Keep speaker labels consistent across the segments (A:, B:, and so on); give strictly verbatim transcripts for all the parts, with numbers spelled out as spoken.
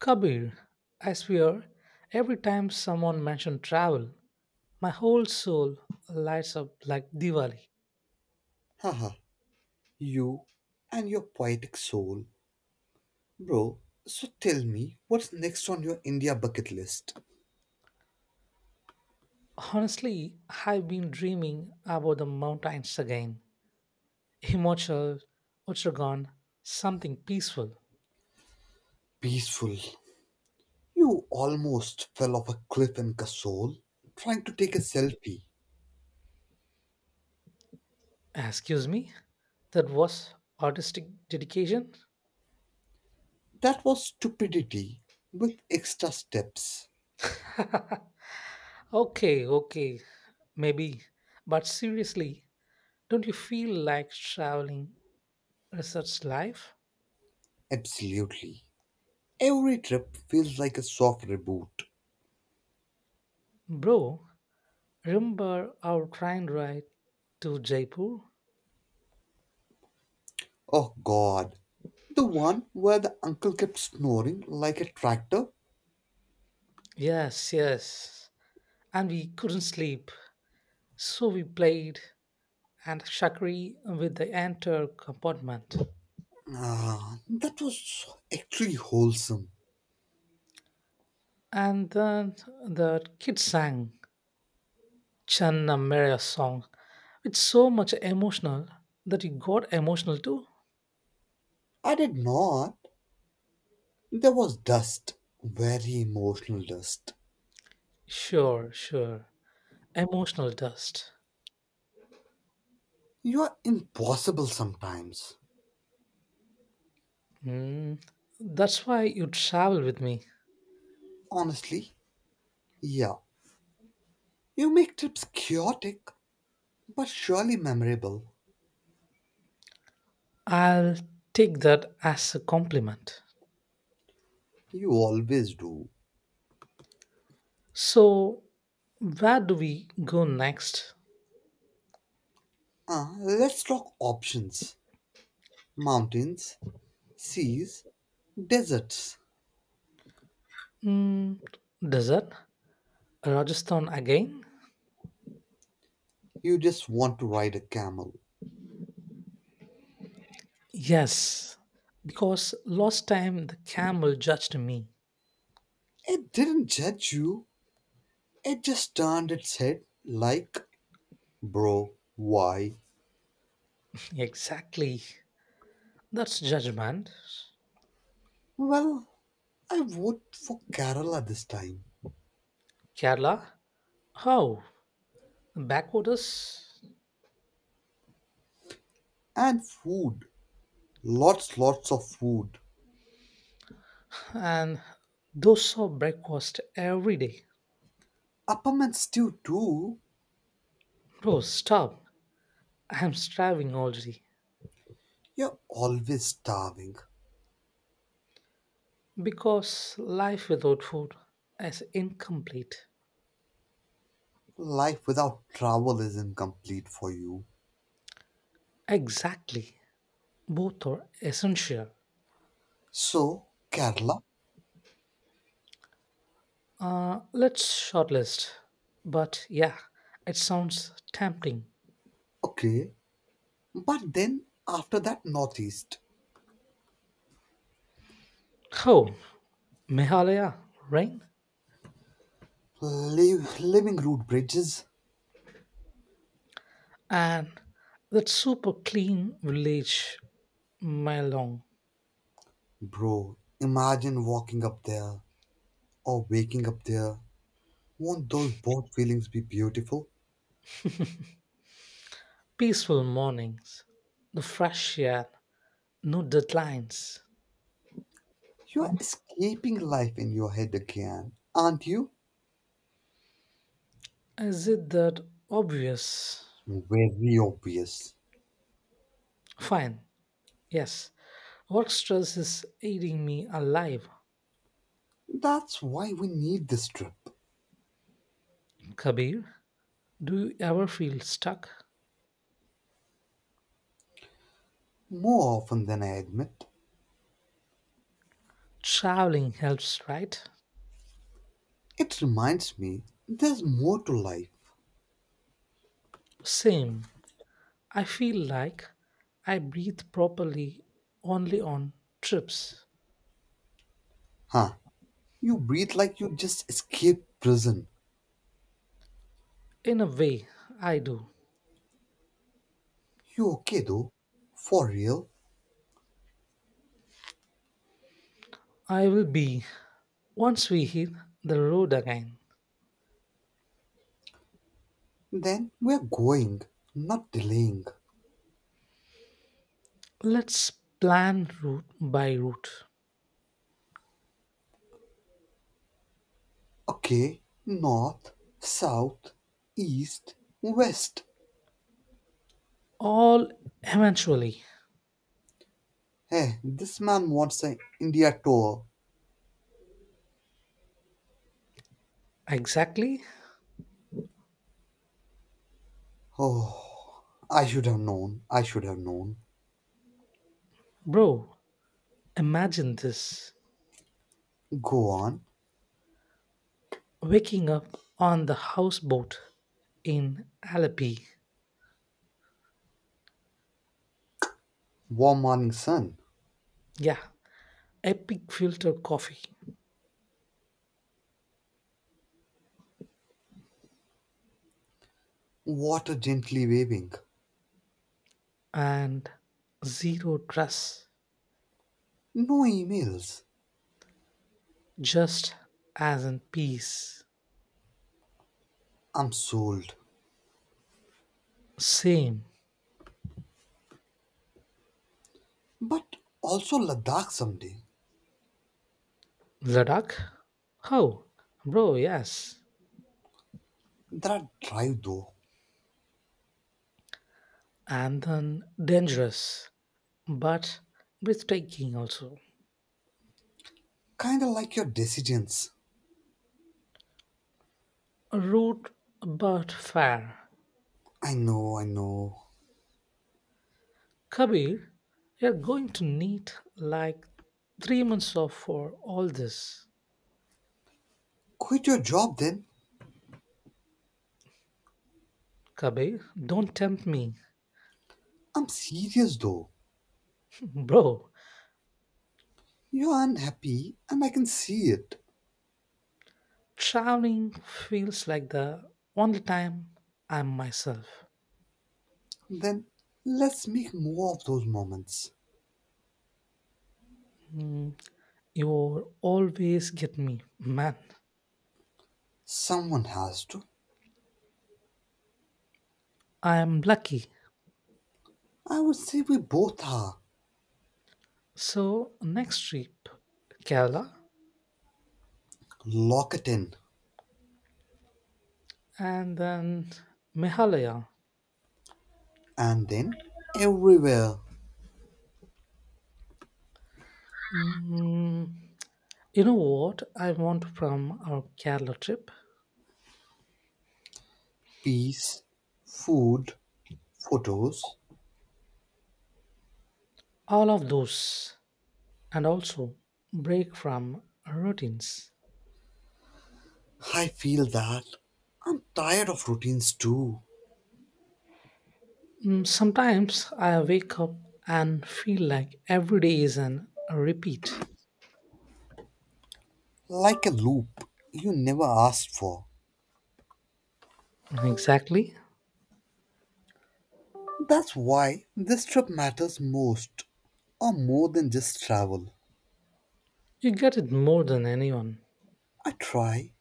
A: Kabir, I swear, every time someone mentions travel, my whole soul lights up like Diwali.
B: Haha, you and your poetic soul. Bro, so tell me, what's next on your India bucket list?
A: Honestly, I've been dreaming about the mountains again. Himachal, Uttarakhand, something peaceful.
B: Peaceful. You almost fell off a cliff in Kasol trying to take a selfie.
A: Excuse me? That was artistic dedication?
B: That was stupidity with extra steps.
A: okay, okay, maybe. But seriously, don't you feel like traveling is such life?
B: Absolutely. Every trip feels like a soft reboot.
A: Bro, remember our train ride to Jaipur?
B: Oh god. The one where the uncle kept snoring like a tractor?
A: Yes, yes. And we couldn't sleep, so we played and Shakri with the entire compartment.
B: Ah, that was so actually wholesome.
A: And then the kids sang Channa Mera song with so much emotional that you got emotional too.
B: I did not. There was dust, very emotional dust.
A: Sure, sure. Emotional dust.
B: You are impossible sometimes.
A: Mm, that's why you travel with me.
B: Honestly, yeah. You make trips chaotic, but surely memorable.
A: I'll take that as a compliment.
B: You always do.
A: So, where do we go next?
B: Uh, let's talk options mountains, seas, deserts.
A: Mm, desert? Rajasthan again?
B: You just want to ride a camel.
A: Yes, because last time the camel judged me.
B: It didn't judge you, it just turned its head like, bro, why?
A: Exactly. That's judgment.
B: Well, I vote for Kerala this time.
A: Kerala? How? Backwaters?
B: And food. Lots, lots of food.
A: And those are breakfast every day.
B: Appam and stew too.
A: Bro, stop. I'm starving already.
B: You're always starving.
A: Because life without food is incomplete.
B: Life without travel is incomplete for you.
A: Exactly. Both are essential.
B: So, Kerala,
A: Uh, let's shortlist. But yeah, it sounds tempting.
B: okay. But then, after that, Northeast.
A: Oh, Meghalaya, right?
B: Live, living route bridges.
A: And that super clean village, mile long,
B: Bro, imagine walking up there or waking up there. Won't those both feelings be beautiful?
A: peaceful mornings, the fresh air, no deadlines.
B: You're escaping life in your head again, aren't you?
A: Is it that obvious?
B: Very obvious.
A: Fine, yes. Work stress is eating me alive.
B: That's why we need this trip.
A: Kabir, do you ever feel stuck?
B: More often than I admit.
A: Traveling helps, right?
B: It reminds me there's more to life.
A: Same. I feel like I breathe properly only on trips.
B: Huh. You breathe like you just escaped prison.
A: In a way, I do.
B: You okay though? For real?
A: I will be once we hit the road again.
B: Then we're going, not delaying.
A: Let's plan route by route.
B: Okay, north, south, east, west.
A: All eventually.
B: Hey, this man wants an India tour.
A: Exactly.
B: Oh, I should have known. I should have known.
A: Bro, imagine this.
B: Go on.
A: Waking up on the houseboat in Alleppey.
B: Warm morning sun,
A: Yeah, epic filter coffee
B: water gently waving,
A: and zero trust.
B: no emails.
A: Just as in peace.
B: I'm sold.
A: Same.
B: But also Ladakh someday.
A: Ladakh? How, bro, yes.
B: That drive though,
A: And then dangerous, but breathtaking also.
B: kinda like your decisions.
A: Rude, but fair.
B: I know, I know.
A: Kabir, you're going to need like three months off for all this.
B: Quit your job then.
A: Kabir, don't tempt me.
B: I'm serious though.
A: Bro,
B: You're unhappy and I can see it.
A: traveling feels like the only time I'm myself.
B: Then let's make more of those moments.
A: Hmm. You always get me. Man,
B: Someone has to.
A: I am lucky.
B: I would say we both are.
A: So, next trip Kerala
B: Lock it in.
A: and then Meghalaya.
B: And then everywhere.
A: Mm, you know what I want from our Kerala trip?
B: Peace, food, photos.
A: All of those. And also, break from routines.
B: I feel that I'm tired of routines too.
A: Mm, sometimes I wake up and feel like every day is an, a repeat.
B: Like a loop you never asked for.
A: Exactly.
B: That's why this trip matters most, or more than just travel.
A: You get it more than anyone.
B: I try.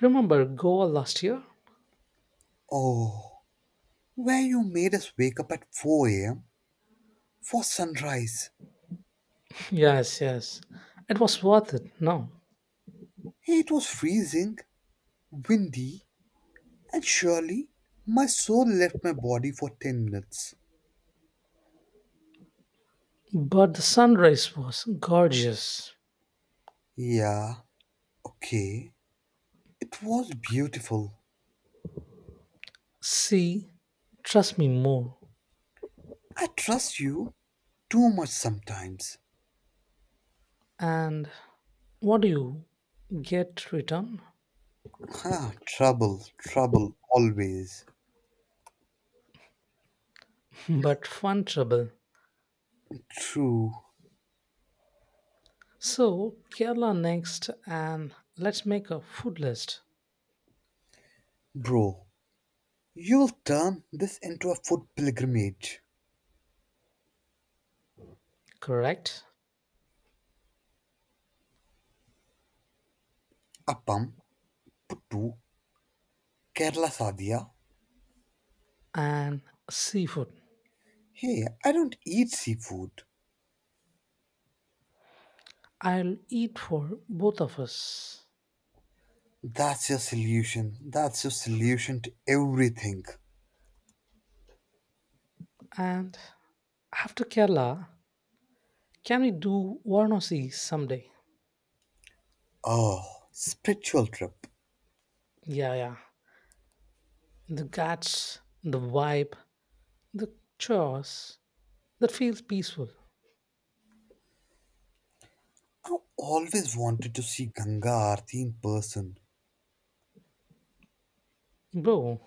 A: Remember Goa last year?
B: Oh, where you made us wake up at four a m for sunrise.
A: Yes, yes. It was worth it, no.
B: It was freezing, windy, and surely my soul left my body for ten minutes.
A: But the sunrise was gorgeous.
B: Yeah, okay. It was beautiful.
A: See, trust me more.
B: I trust you too much sometimes.
A: And what do you get return?
B: Ah, trouble, trouble always.
A: but fun trouble.
B: True,
A: So, Kerala next, and let's make a food list,
B: bro. You'll turn this into a food pilgrimage.
A: correct?
B: Appam, puttu, Kerala sadhya.
A: And seafood.
B: Hey, I don't eat seafood.
A: I'll eat for both of us.
B: That's your solution. That's your solution to everything.
A: And after Kerala, can we do Varanasi someday?
B: Oh, spiritual trip.
A: Yeah, yeah, the guts, the vibe, the chores that feels peaceful.
B: I always wanted to see Ganga Aarti in person.
A: Bro,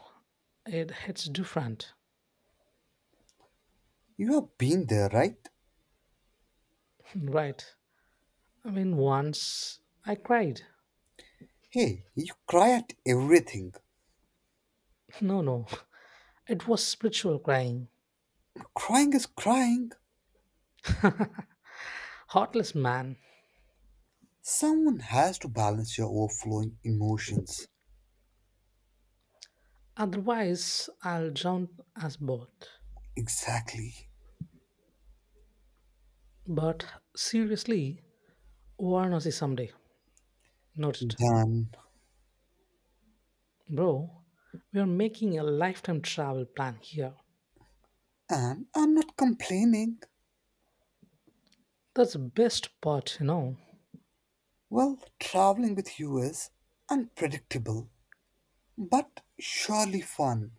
A: it hits different,
B: You have been there, right?
A: right? I mean, once I cried.
B: Hey, you cry at everything.
A: No, no, it was spiritual crying.
B: Crying is crying.
A: Heartless man.
B: Someone has to balance your overflowing emotions.
A: Otherwise, I'll drown us both.
B: Exactly.
A: But seriously, Varanasi someday. Noted.
B: Done.
A: Bro, we are making a lifetime travel plan here.
B: And I'm not complaining.
A: That's the best part, you know.
B: Well, traveling with you is unpredictable, but surely fun.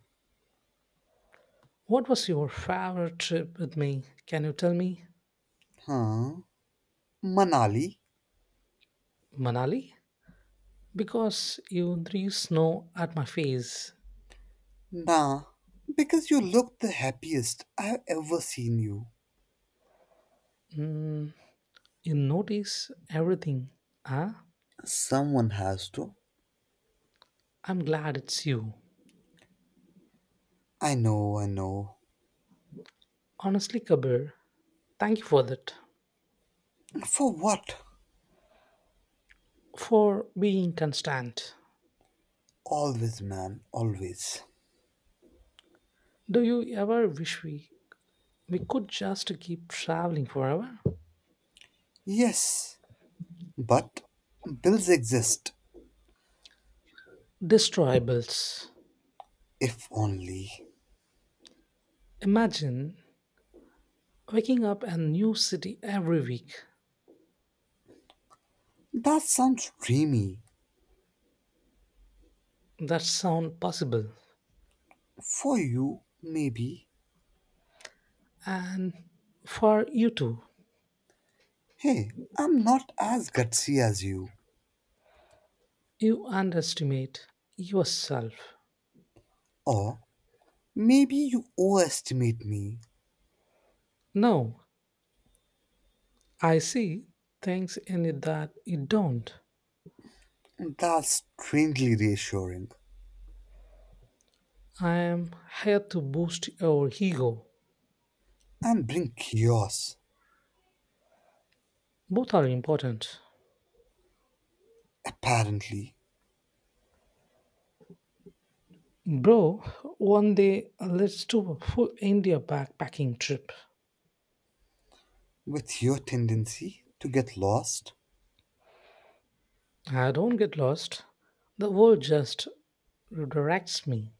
A: What was your favorite trip with me? Can you tell me?
B: Huh? Manali?
A: Manali? Because you threw snow at my face.
B: Nah, because you look the happiest I've ever seen you.
A: Mm, you notice everything. Huh?
B: Someone has to.
A: I'm glad it's you.
B: I know, I know.
A: Honestly, Kabir, thank you for that.
B: For what?
A: For being constant.
B: Always, man, always.
A: Do you ever wish we, we could just keep traveling forever?
B: Yes, but bills exist,
A: Destroyables.
B: if only.
A: Imagine waking up in a new city every week.
B: That sounds dreamy.
A: That sound possible.
B: For you, maybe.
A: And for you too,
B: Hey, I'm not as gutsy as you.
A: you underestimate yourself.
B: Or maybe you overestimate me.
A: No, I see things in it that you don't.
B: That's strangely reassuring.
A: I am here to boost your ego.
B: And bring chaos,
A: Both are important.
B: apparently,
A: Bro, one day let's do a full India backpacking trip.
B: with your tendency to get lost.
A: I don't get lost. The world just redirects me.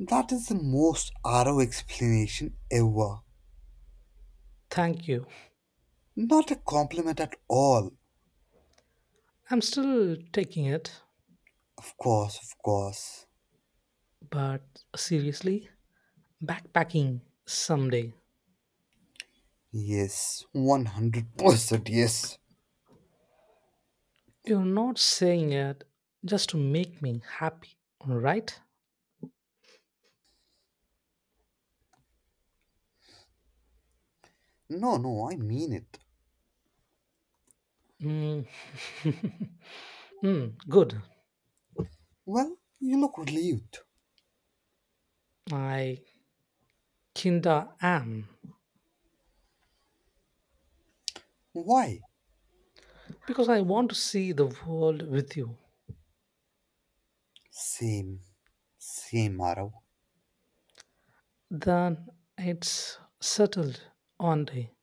B: That is the most arrow explanation ever.
A: Thank you.
B: Not a compliment at all.
A: I'm still taking it,
B: Of course, of course.
A: but seriously, backpacking someday.
B: Yes, one hundred percent yes.
A: You're not saying it just to make me happy, right?
B: No, no, I mean it.
A: Mm. Mm, good.
B: Well, you look relieved.
A: I kinda am.
B: Why?
A: Because I want to see the world with you.
B: Same, same, Arav.
A: Then it's settled on day.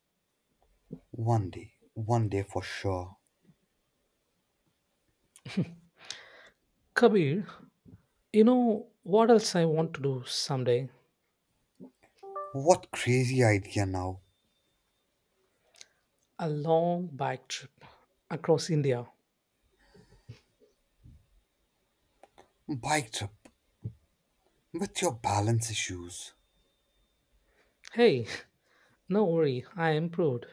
B: One day, one day for sure.
A: Kabir, you know what else I want to do someday?
B: What crazy idea now?
A: A long bike trip across India.
B: Bike trip with your balance issues.
A: Hey, no worry, I improved.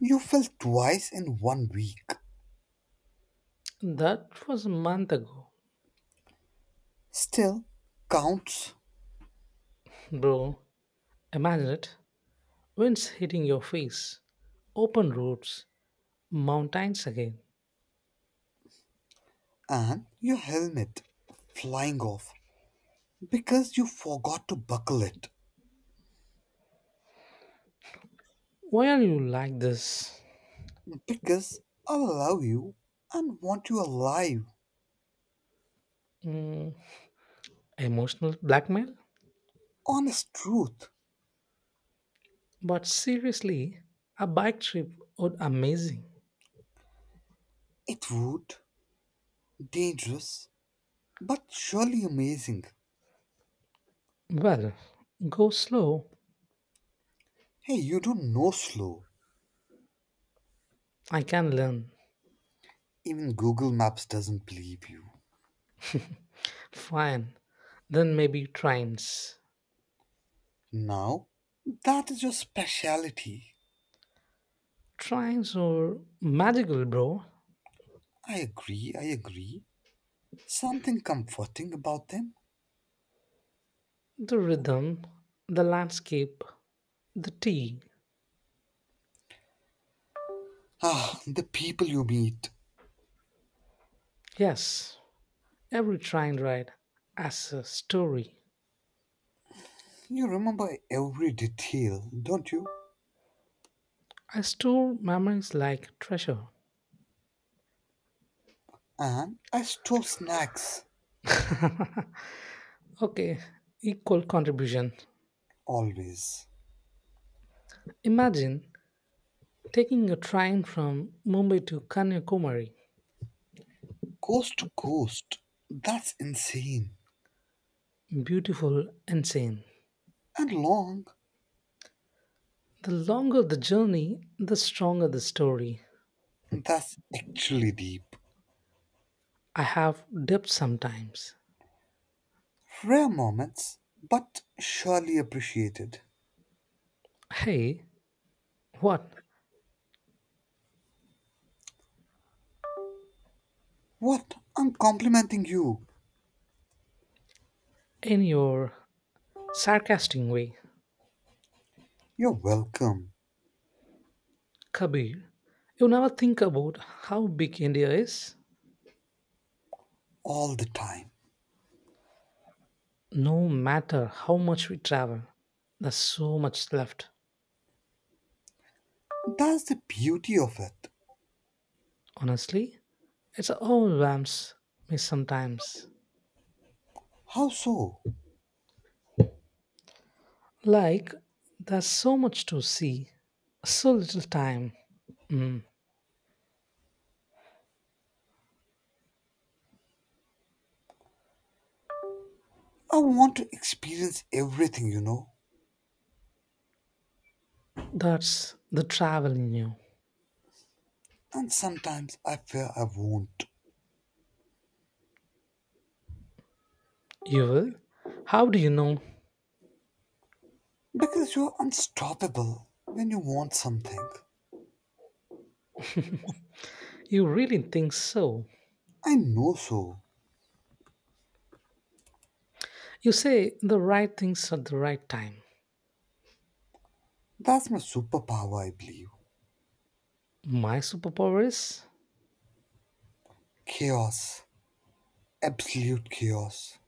B: You fell twice in one week.
A: That was a month ago,
B: Still, counts.
A: bro. Imagine it. Winds hitting your face, open roads, mountains again.
B: And your helmet flying off because you forgot to buckle it.
A: Why are you like this?
B: Because I love you and want you alive.
A: Mm, emotional blackmail?
B: Honest truth.
A: But seriously, a bike trip would amazing.
B: It would. Dangerous, but surely amazing.
A: Well, go slow.
B: Hey, you don't know slow.
A: I can learn.
B: Even Google Maps doesn't believe you.
A: Fine. Then maybe trains.
B: Now, that is your speciality.
A: Trains are magical, bro.
B: I agree, I agree. Something comforting about them.
A: The rhythm, the landscape, the tea.
B: Ah, the people you meet.
A: Yes, every train ride has a story.
B: You remember every detail, don't you?
A: I store memories like treasure.
B: And I stole snacks,
A: okay, equal contribution.
B: always.
A: Imagine taking a train from Mumbai to Kanyakumari.
B: Coast to coast, that's insane.
A: Beautiful and sane.
B: And long,
A: The longer the journey, the stronger the story.
B: that's actually deep.
A: I have depth sometimes.
B: Rare moments, but surely appreciated.
A: Hey, what?
B: What? I'm complimenting you.
A: In your sarcastic way,
B: You're welcome.
A: Kabir, you never think about how big India is?
B: All the time.
A: No matter how much we travel, there's so much left.
B: That's the beauty of it.
A: Honestly, it's overwhelms me sometimes.
B: How so?
A: Like there's so much to see, so little time. Mm,
B: I want to experience everything, you know.
A: that's the travel in you.
B: And sometimes I fear I won't.
A: You will? How do you know?
B: Because you're unstoppable when you want something.
A: You really think so?
B: I know so.
A: You say the right things at the right time.
B: That's my superpower, I believe.
A: My superpower is
B: Chaos, absolute chaos,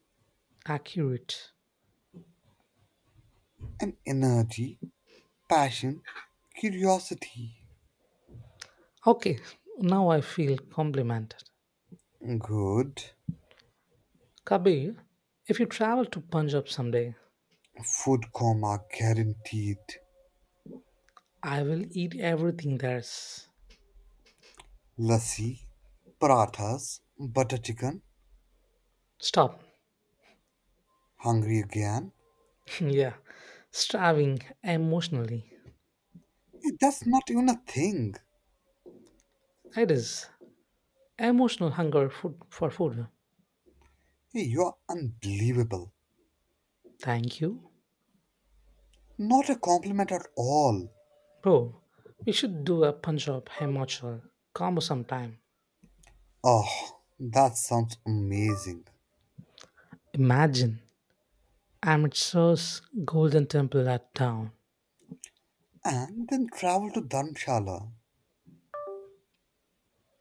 A: accurate.
B: and energy, passion, curiosity.
A: Okay, now I feel complimented.
B: Good.
A: Kabir, if you travel to Punjab someday,
B: Food coma guaranteed.
A: I will eat everything there's.
B: Lassi, parathas, butter chicken,
A: Stop.
B: hungry again.
A: Yeah, starving emotionally.
B: Hey, that's not even a thing.
A: It is emotional hunger food for food.
B: Hey, you're unbelievable.
A: Thank you,
B: Not a compliment at all.
A: bro. We should do a Punjab Himachal combo sometime.
B: Oh, that sounds amazing.
A: Imagine Amritsar's golden temple at dawn,
B: And then travel to Dharamshala.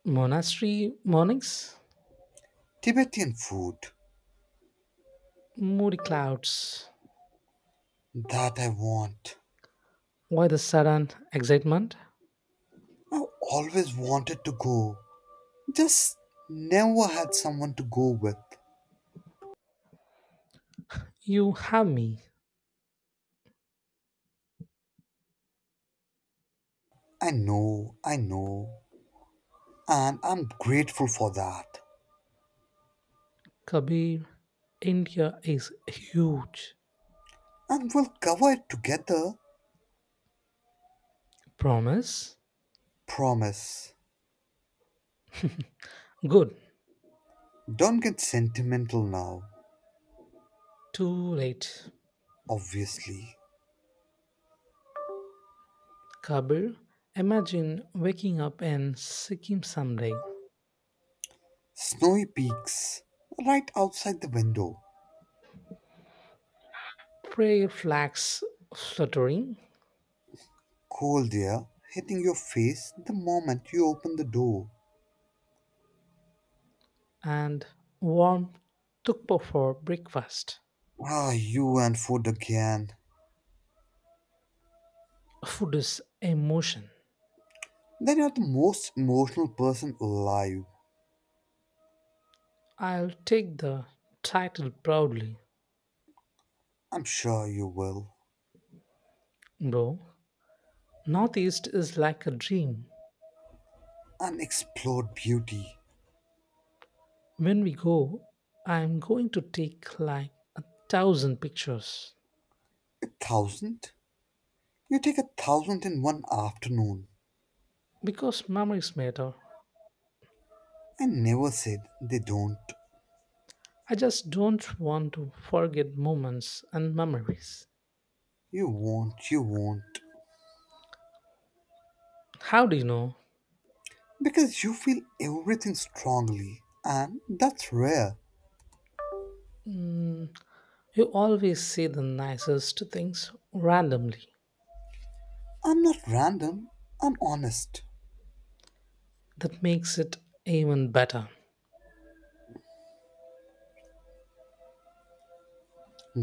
A: monastery mornings,
B: Tibetan food.
A: moody clouds.
B: That I want.
A: Why the sudden excitement?
B: I always wanted to go, just never had someone to go with.
A: You have me,
B: I know, I know, and I'm grateful for that.
A: Kabir. India is huge.
B: And we'll cover it together,
A: Promise?
B: promise.
A: Good.
B: Don't get sentimental now,
A: Too late.
B: obviously.
A: Kabir, imagine waking up in Sikkim someday,
B: Snowy peaks right outside the window,
A: prayer flags fluttering,
B: cold air hitting your face the moment you open the door.
A: and warm thukpa for breakfast.
B: Ah, you and food again.
A: Food is emotion.
B: Then you're the most emotional person alive.
A: I'll take the title proudly,
B: I'm sure you will.
A: bro. Northeast is like a dream.
B: Unexplored beauty.
A: When we go, I'm going to take like a thousand pictures
B: A thousand? You take a thousand in one afternoon.
A: because memories matter.
B: I never said they don't.
A: I just don't want to forget moments and memories.
B: You won't, you won't.
A: How do you know?
B: Because you feel everything strongly, and that's rare.
A: Mm, You always say the nicest things randomly.
B: I'm not random, I'm honest.
A: That makes it even better.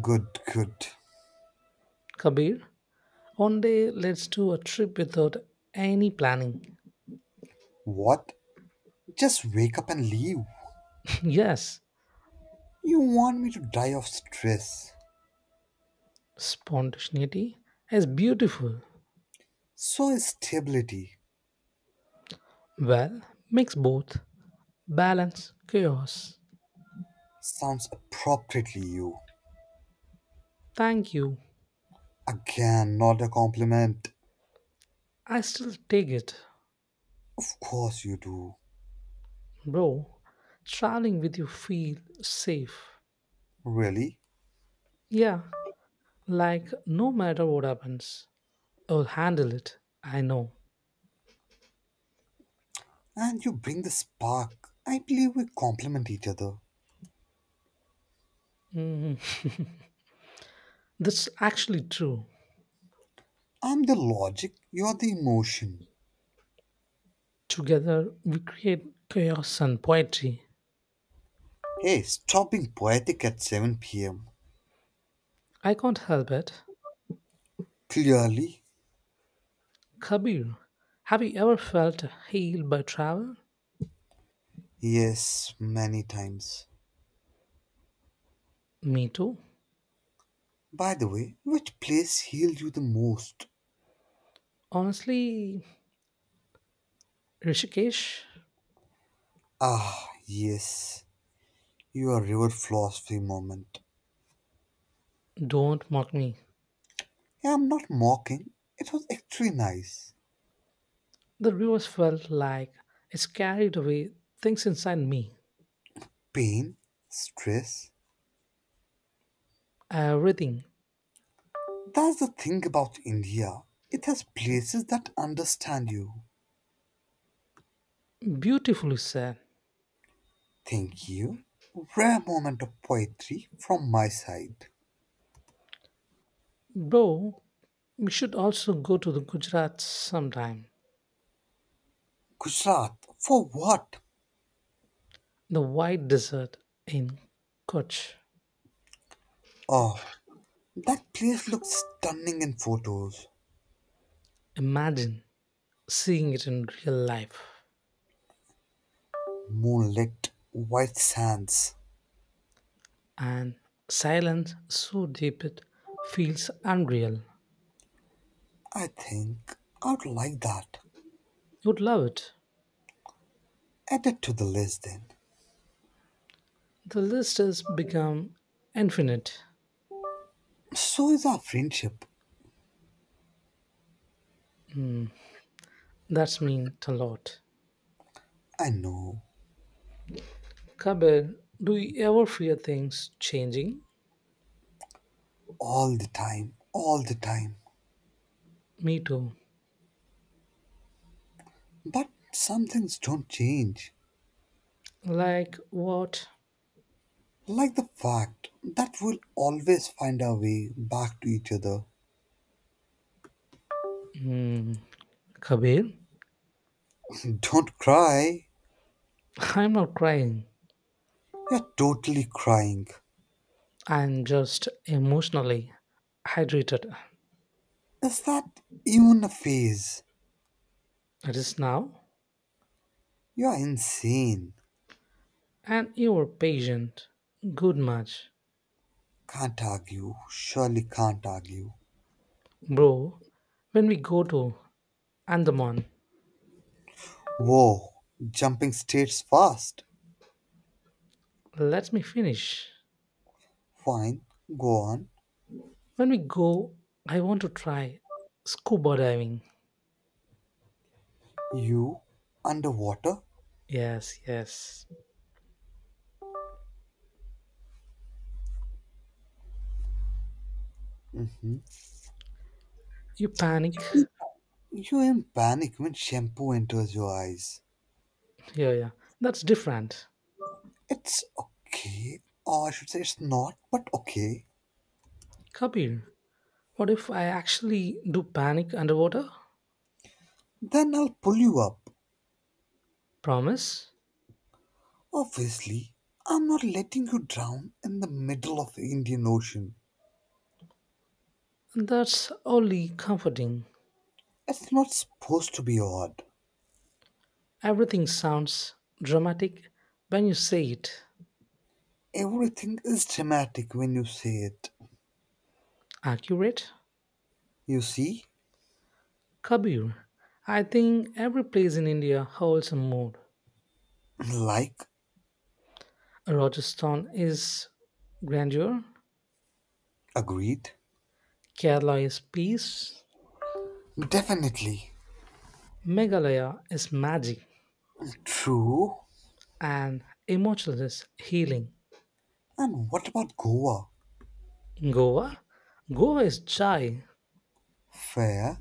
B: Good, good.
A: Kabir, one day let's do a trip without any planning.
B: What? Just wake up and leave.
A: yes,
B: You want me to die of stress.
A: spontaneity is beautiful.
B: So is stability.
A: Well, mix both balance, chaos.
B: Sounds appropriately you.
A: Thank you.
B: Again, not a compliment.
A: I still take it,
B: Of course you do.
A: bro. Traveling with you feel safe.
B: Really?
A: Yeah, like no matter what happens. Oh, handle it. I know.
B: And you bring the spark. I believe we complement each other.
A: Mhm. That's actually true.
B: I'm the logic, you're the emotion.
A: Together, we create chaos and poetry.
B: Hey, stop being poetic at seven p m.
A: I can't help it.
B: Clearly?
A: Kabir, have you ever felt healed by travel?
B: Yes, many times.
A: Me too.
B: By the way, which place healed you the most?
A: Honestly, Rishikesh,
B: Ah, yes, your river philosophy moment.
A: don't mock me.
B: Yeah, I'm not mocking, it was actually nice.
A: The rivers felt like it's carried away things inside me.
B: Pain, stress.
A: Everything.
B: That's the thing about India, it has places that understand you.
A: Beautifully said.
B: Thank you. Rare moment of poetry from my side.
A: Bro, we should also go to the Gujarat sometime.
B: Gujarat, for what?
A: The White Desert in Kutch.
B: Oh, that place looks stunning in photos.
A: Imagine seeing it in real life.
B: Moonlit, white sands.
A: And silence so deep it feels unreal.
B: I think I'd like that.
A: You would love it.
B: Add it to the list then.
A: The list has become infinite.
B: So is our friendship.
A: That's mean a lot.
B: I know.
A: Kabir, do you ever fear things changing?
B: All the time, all the time.
A: Me too.
B: But some things don't change.
A: Like what?
B: Like the fact that we'll always find our way back to each other.
A: Hmm. Kabir,
B: don't cry.
A: I'm not crying.
B: You're totally crying.
A: I'm just emotionally hydrated.
B: Is that even a phase?
A: It is now.
B: You're insane.
A: And you're patient. Good much.
B: Can't argue. Surely can't argue.
A: Bro, when we go to Andaman,
B: Whoa, jumping states fast.
A: let me finish.
B: Fine, go on.
A: When we go, I want to try scuba diving.
B: You underwater?
A: Yes, yes. You panic.
B: You- You're in panic when shampoo enters your eyes.
A: Yeah, yeah. That's different.
B: It's okay, or I should say it's not, but okay.
A: Kapil, what if I actually do panic underwater?
B: Then I'll pull you up.
A: Promise?
B: Obviously, I'm not letting you drown in the middle of the Indian Ocean.
A: That's only comforting.
B: It's not supposed to be odd.
A: Everything sounds dramatic when you say it.
B: Everything is dramatic when you say it.
A: Accurate?
B: You see?
A: Kabir, I think every place in India holds a mood.
B: Like,
A: Rajasthan is grandeur,
B: agreed.
A: Kerala is peace,
B: Definitely.
A: Meghalaya is magic,
B: True.
A: and Himachal is healing.
B: And what about Goa?
A: Goa, Goa is joy,
B: Fair.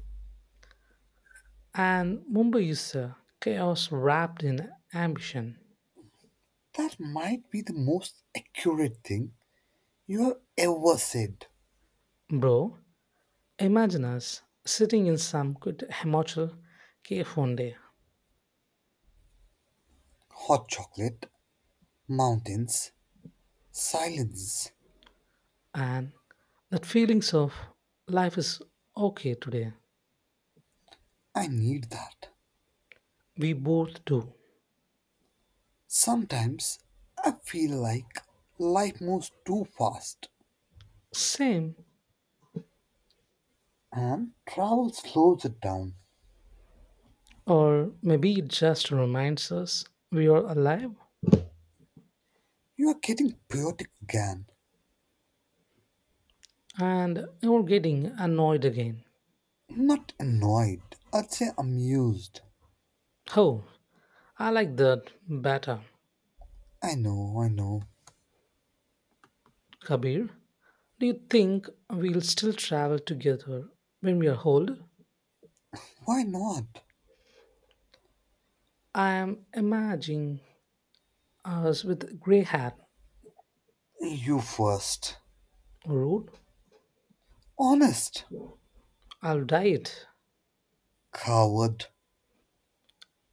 A: and Mumbai is uh, chaos wrapped in ambition.
B: That might be the most accurate thing you have ever said.
A: Bro, imagine us sitting in some good Himachal cave one day,
B: Hot chocolate, mountains, silence.
A: and that feelings of life is okay today.
B: I need that.
A: We both do.
B: Sometimes I feel like life moves too fast
A: Same,
B: and travel slows it down.
A: or maybe it just reminds us we are alive
B: You are getting poetic again.
A: and we're getting annoyed again.
B: Not annoyed. I'd say amused.
A: Oh, I like that better.
B: I know, I know.
A: Kabir, do you think we'll still travel together when we are old?
B: Why not?
A: I am imagining us with grey hair.
B: You first.
A: Rude,
B: Honest.
A: I'll dye it.
B: Coward.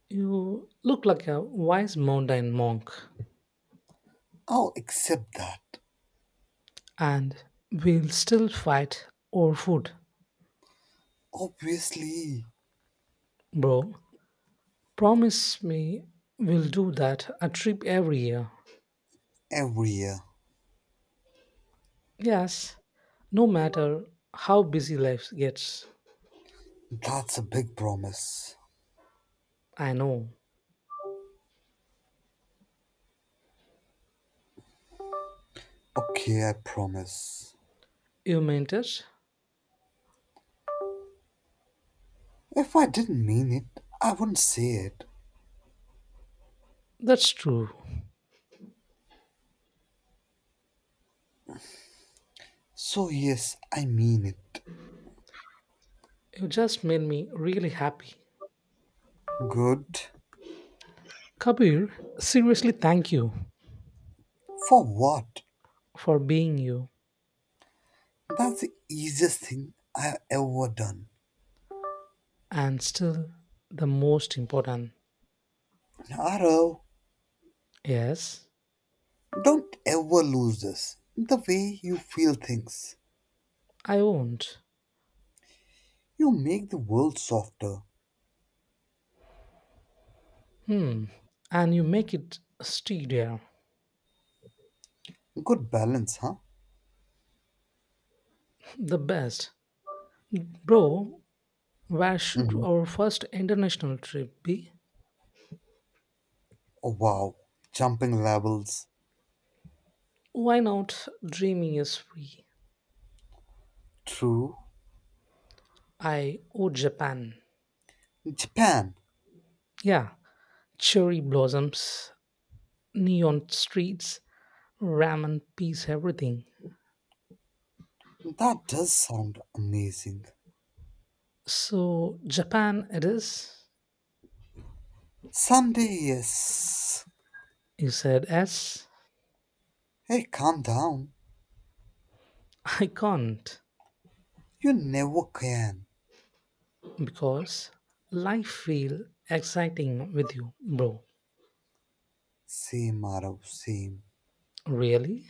A: You look like a wise mountain monk,
B: I'll accept that.
A: and we'll still fight over food,
B: Obviously.
A: bro. Promise me we'll do that a trip every year.
B: Every year.
A: Yes, no matter how busy life gets.
B: That's a big promise.
A: I know.
B: Okay, I promise.
A: You meant it?
B: If I didn't mean it, I wouldn't say it.
A: That's true.
B: So, yes, I mean it.
A: You just made me really happy.
B: Good.
A: Kabir, seriously thank you
B: For what?
A: for being you
B: That's the easiest thing I've ever done.
A: and still the most important.
B: Arav,
A: Yes,
B: don't ever lose this. The way you feel things.
A: I won't.
B: You make the world softer.
A: Hmm. And you make it steadier.
B: Good balance, huh?
A: The best. Bro, where should
B: hmm
A: our first international trip be?
B: Oh, wow. Jumping levels.
A: Why not? Dreaming is free.
B: True.
A: I oh Japan.
B: Japan.
A: Yeah, cherry blossoms, neon streets, ramen, peace, everything.
B: That does sound amazing.
A: So Japan it is.
B: Someday, yes.
A: You said S.
B: Hey, calm down.
A: I can't
B: You never can.
A: because life feel exciting with you, bro.
B: Same, Arav, same.
A: Really?